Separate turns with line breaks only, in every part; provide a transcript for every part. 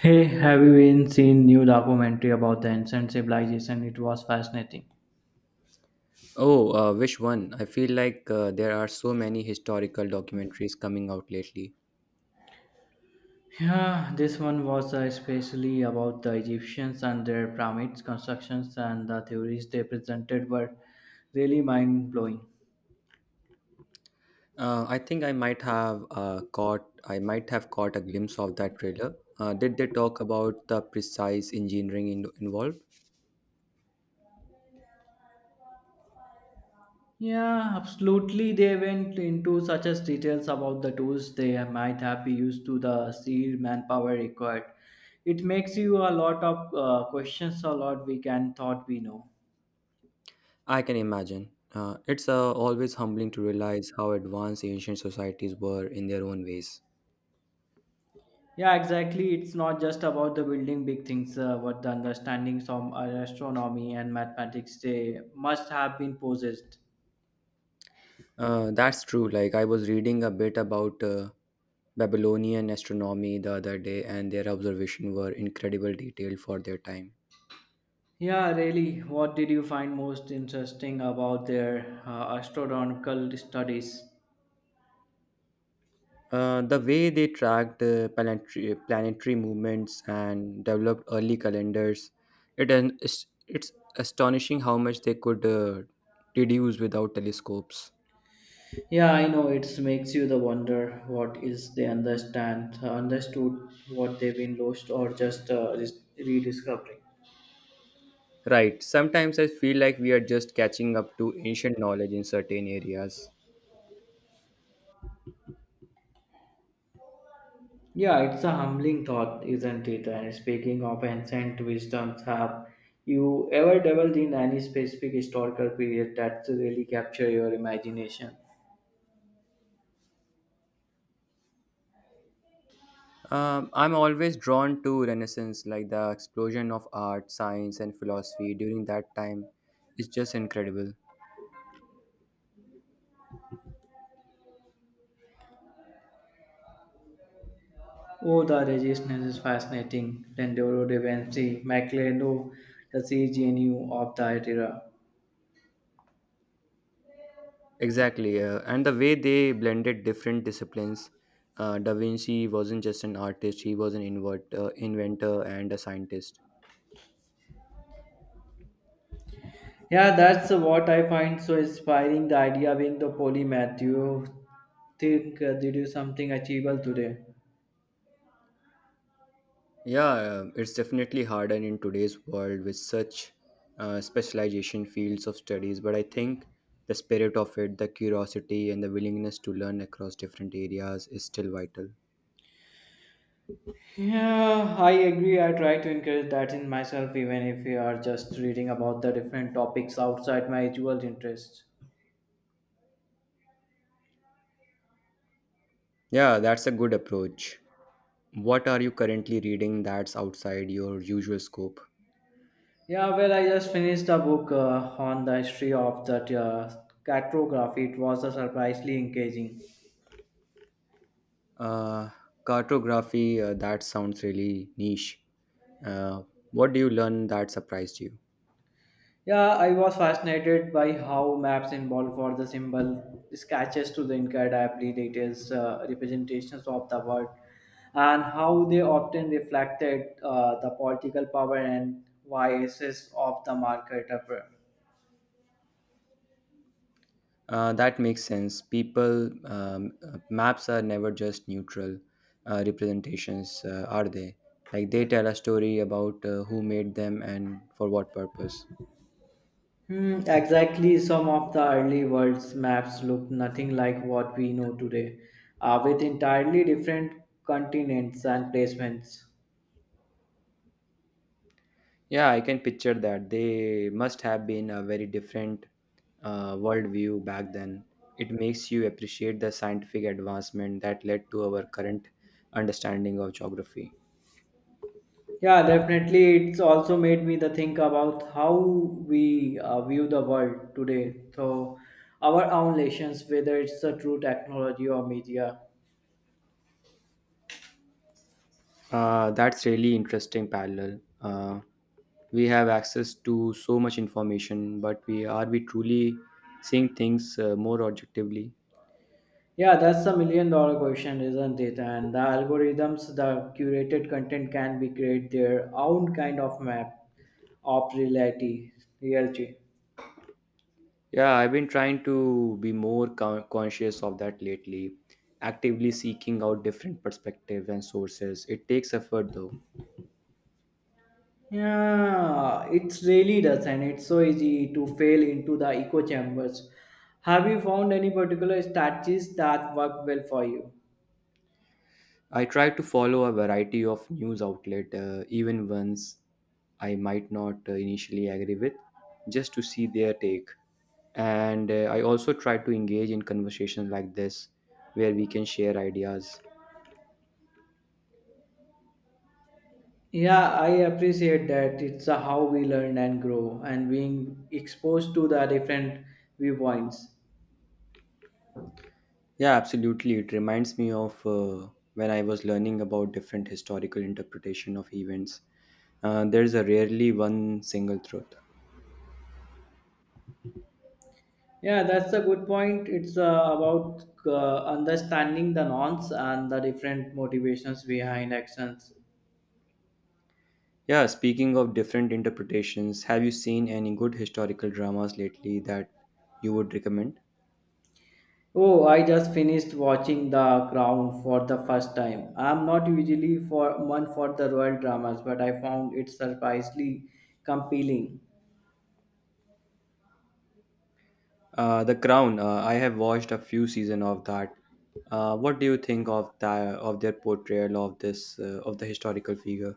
Hey, have you been seen new documentary about the ancient civilization? It was fascinating.
Oh, which one? I feel like there are so many historical documentaries coming out lately.
Yeah, this one was especially about the Egyptians and their pyramids constructions and the theories they presented were really mind blowing.
I think I might have caught a glimpse of that trailer. Did they talk about the precise engineering involved?
Yeah, absolutely. They went into such as details about the tools they might have used to the sea manpower required. It makes you a lot of questions, a lot we can thought we know.
I can imagine. It's always humbling to realize how advanced ancient societies were in their own ways.
Yeah, exactly. It's not just about the building big things, but the understandings of astronomy and mathematics they must have been possessed.
That's true. Like I was reading a bit about Babylonian astronomy the other day, and their observations were incredible detail for their time.
Yeah, really. What did you find most interesting about their astronomical studies?
The way they tracked planetary movements and developed early calendars, it's astonishing how much they could deduce without telescopes.
Yeah, I know it makes you the wonder what is they understand, understood what they've been lost or just just rediscovering.
Right, sometimes I feel like we are just catching up to ancient knowledge in certain areas.
Yeah, it's a humbling thought, isn't it? And speaking of ancient wisdoms, have you ever dabbled in any specific historical period that really capture your imagination?
I'm always drawn to Renaissance, like the explosion of art, science, and philosophy during that time is just incredible.
Oh, the resistance is fascinating. Rendezvous de Vinci, Macleod, the CGNU of that era.
Exactly, and the way they blended different disciplines. Da Vinci wasn't just an artist; he was an inventor and a scientist.
Yeah, that's what I find so inspiring. The idea being the polymath. Do you think they do something achievable today?
Yeah, it's definitely harder in today's world with such specialization fields of studies. But I think the spirit of it, the curiosity, and the willingness to learn across different areas is still vital.
Yeah, I agree. I try to encourage that in myself, even if you are just reading about the different topics outside my usual interests.
Yeah, that's a good approach. What are you currently reading that's outside your usual scope?
Yeah, well, I just finished a book on the history of that cartography. It was a surprisingly engaging.
Uh, Cartography, that sounds really niche. Uh, what do you learn that surprised you?
Yeah, I was fascinated by how maps involve for the symbol sketches to the incredibly details representations of the world and how they often reflected the political power and biases of the market.
That makes sense. People, maps are never just neutral representations, are they? Like they tell a story about who made them and for what purpose.
Hmm, exactly, some of the early world's maps look nothing like what we know today, with entirely different continents and placements.
Yeah, I can picture that. They must have been a very different worldview back then. It makes you appreciate the scientific advancement that led to our current understanding of geography.
Yeah, definitely. It's also made me the think about how we view the world today. So, our own relations, whether it's the true technology or media.
That's really interesting parallel. We have access to so much information, but we are we truly seeing things more objectively?
Yeah, that's a million dollar question, isn't it? And the algorithms, the curated content can be create their own kind of map of reality.
Yeah, I've been trying to be more conscious of that lately, actively seeking out different perspectives and sources. It takes effort though.
Yeah, it really does, and it's so easy to fail into the echo chambers. Have you found any particular strategies that work well for you?
I try to follow a variety of news outlet, even ones I might not initially agree with, just to see their take. And I also try to engage in conversations like this where we can share ideas.
Yeah, I appreciate that. It's a how we learn and grow, and being exposed to the different viewpoints.
Yeah, absolutely. It reminds me of when I was learning about different historical interpretation of events. There's a rarely one single truth.
Yeah, that's a good point. It's about understanding the nonce and the different motivations behind actions.
Yeah, speaking of different interpretations, have you seen any good historical dramas lately that you would recommend?
Oh, I just finished watching The Crown for the first time. I'm not usually for one for the royal dramas, but I found it surprisingly compelling.
The Crown, I have watched a few season of that. What do you think of their portrayal of this of the historical figure?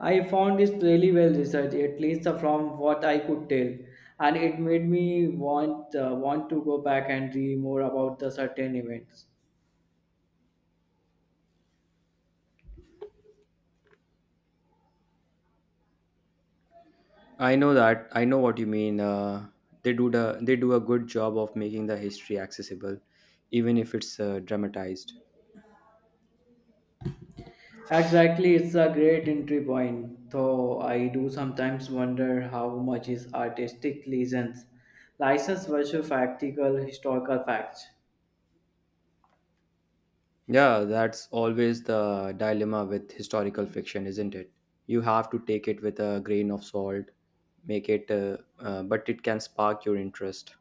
I found it really well researched, at least from what I could tell, and it made me want want to go back and read more about the certain events.
I know that. I know what you mean. They do the they do a good job of making the history accessible, even if it's dramatized.
Exactly, it's a great entry point, though I do sometimes wonder how much is artistic license versus practical historical facts.
Yeah, that's always the dilemma with historical fiction, isn't it? You have to take it with a grain of salt, but it can spark your interest.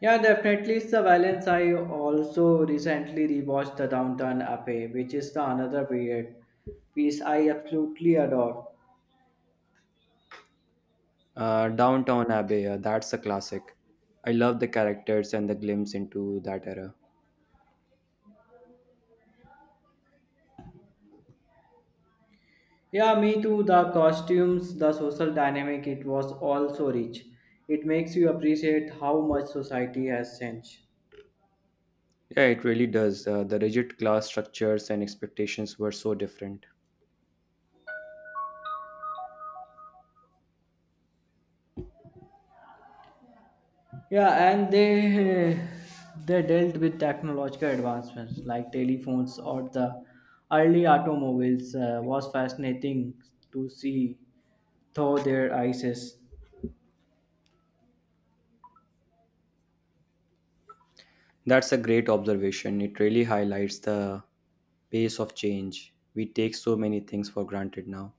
Yeah, definitely it's the balance. I also recently rewatched the Downtown Abbey, which is the another period piece I absolutely adore.
Downtown Abbey, that's a classic. I love the characters and the glimpse into that era.
Yeah, me too. The costumes, the social dynamic, it was all so rich. It makes you appreciate how much society has changed.
Yeah, it really does. The rigid class structures and expectations were so different.
Yeah, and they they dealt with technological advancements like telephones or the early automobiles. Was fascinating to see through their eyes.
That's a great observation. It really highlights the pace of change. We take so many things for granted now.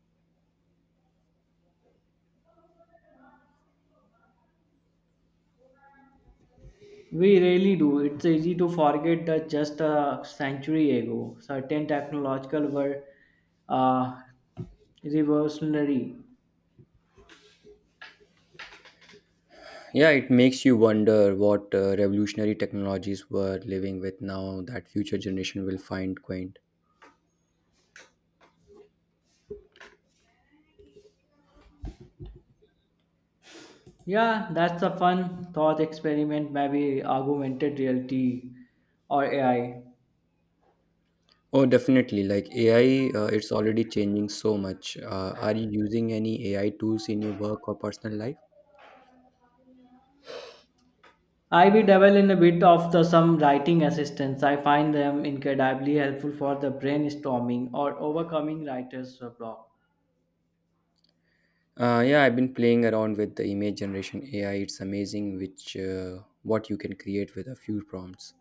We really do. It's easy to forget that just a century ago, certain technological were uh, revolutionary.
Yeah, it makes you wonder what revolutionary technologies we're living with now that future generation will find quaint.
Yeah, that's a fun thought experiment, maybe augmented reality or AI.
Oh, definitely. Like AI, it's already changing so much. Are you using any AI tools in your work or personal life?
I be dabble in a bit of the some writing assistance. I find them incredibly helpful for the brainstorming or overcoming writer's block.
Yeah, I've been playing around with the image generation AI. It's amazing which what you can create with a few prompts.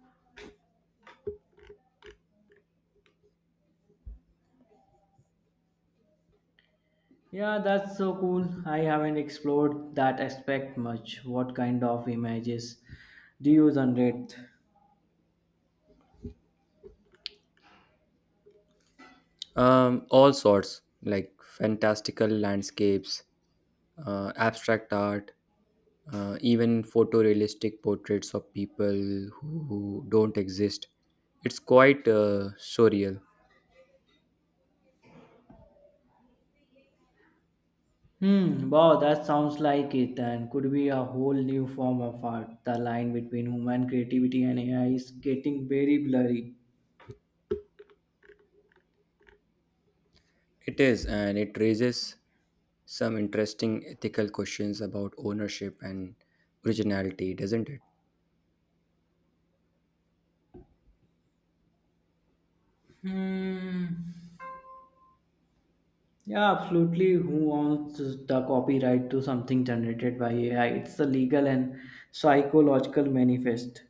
Yeah, that's so cool. I haven't explored that aspect much. What kind of images do you generate?
All sorts, like fantastical landscapes, abstract art, even photorealistic portraits of people who don't exist. It's quite surreal.
Hmm, wow, that sounds like it and could be a whole new form of art. The line between human creativity and AI is getting very blurry.
It is, and it raises some interesting ethical questions about ownership and originality, doesn't it?
Hmm. Yeah, absolutely. Who owns the copyright to something generated by AI? It's a legal and psychological manifest.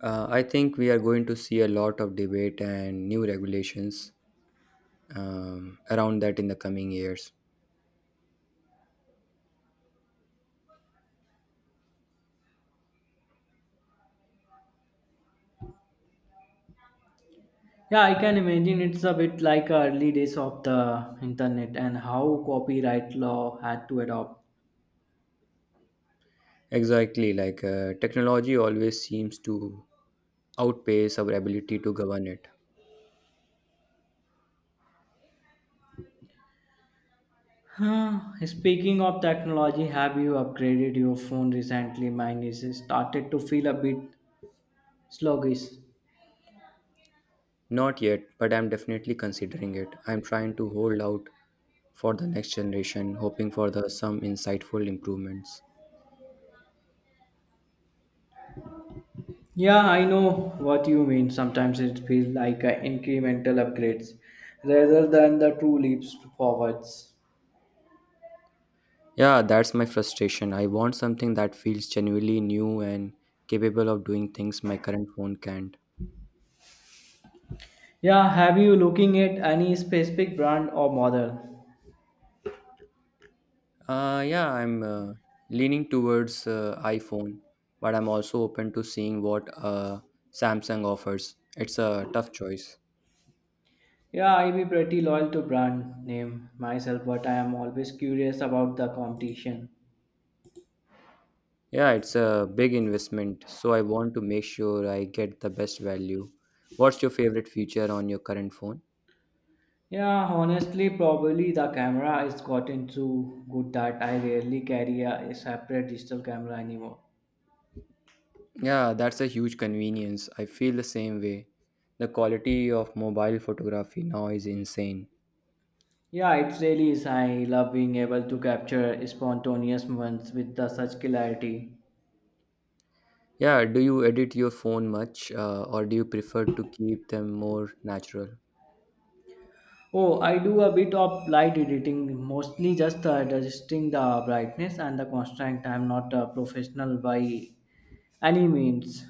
I think we are going to see a lot of debate and new regulations around that in the coming years.
Yeah, I can imagine it's a bit like early days of the internet and how copyright law had to adopt.
Exactly, like technology always seems to outpace our ability to govern it.
Huh, speaking of technology, have you upgraded your phone recently? Mine is started to feel a bit sluggish.
Not yet, but I'm definitely considering it. I'm trying to hold out for the next generation, hoping for the some insightful improvements.
Yeah, I know what you mean. Sometimes it feels like a incremental upgrades rather than the true leaps forwards.
Yeah, that's my frustration. I want something that feels genuinely new and capable of doing things my current phone can't.
Yeah, have you looking at any specific brand or model?
Yeah, I'm leaning towards iPhone, but I'm also open to seeing what Samsung offers. It's a tough choice.
Yeah, I be pretty loyal to brand name myself, but I am always curious about the competition.
Yeah, it's a big investment, so I want to make sure I get the best value. What's your favorite feature on your current phone?
Yeah, honestly, probably the camera has gotten so good that I rarely carry a separate digital camera anymore.
Yeah, that's a huge convenience. I feel the same way. The quality of mobile photography now is insane.
Yeah, it really is. I love being able to capture spontaneous moments with the such clarity.
Yeah, do you edit your phone much, or do you prefer to keep them more natural?
Oh, I do a bit of light editing, mostly just adjusting the brightness and the constant. I'm not a professional by any means.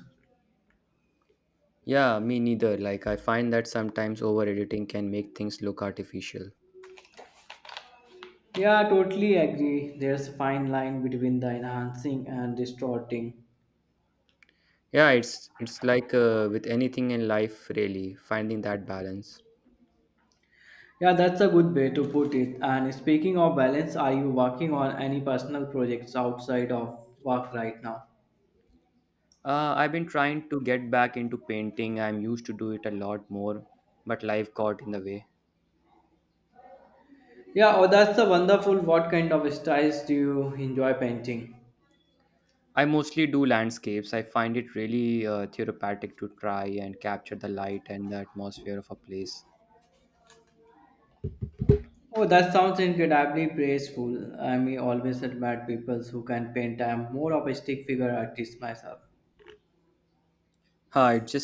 Yeah, me neither. Like I find that sometimes over editing can make things look artificial.
Yeah, totally agree. There's a fine line between the enhancing and distorting.
Yeah, it's like with anything in life, really, finding that balance.
Yeah, that's a good way to put it. And speaking of balance, are you working on any personal projects outside of work right now?
I've been trying to get back into painting. I'm used to do it a lot more, but life got in the way.
Yeah, oh, that's a wonderful. What kind of styles do you enjoy painting?
I mostly do landscapes. I find it really therapeutic to try and capture the light and the atmosphere of a place.
Oh, that sounds incredibly praiseful. I mean, always admire people who can paint. I'm more of a stick figure artist myself.
It just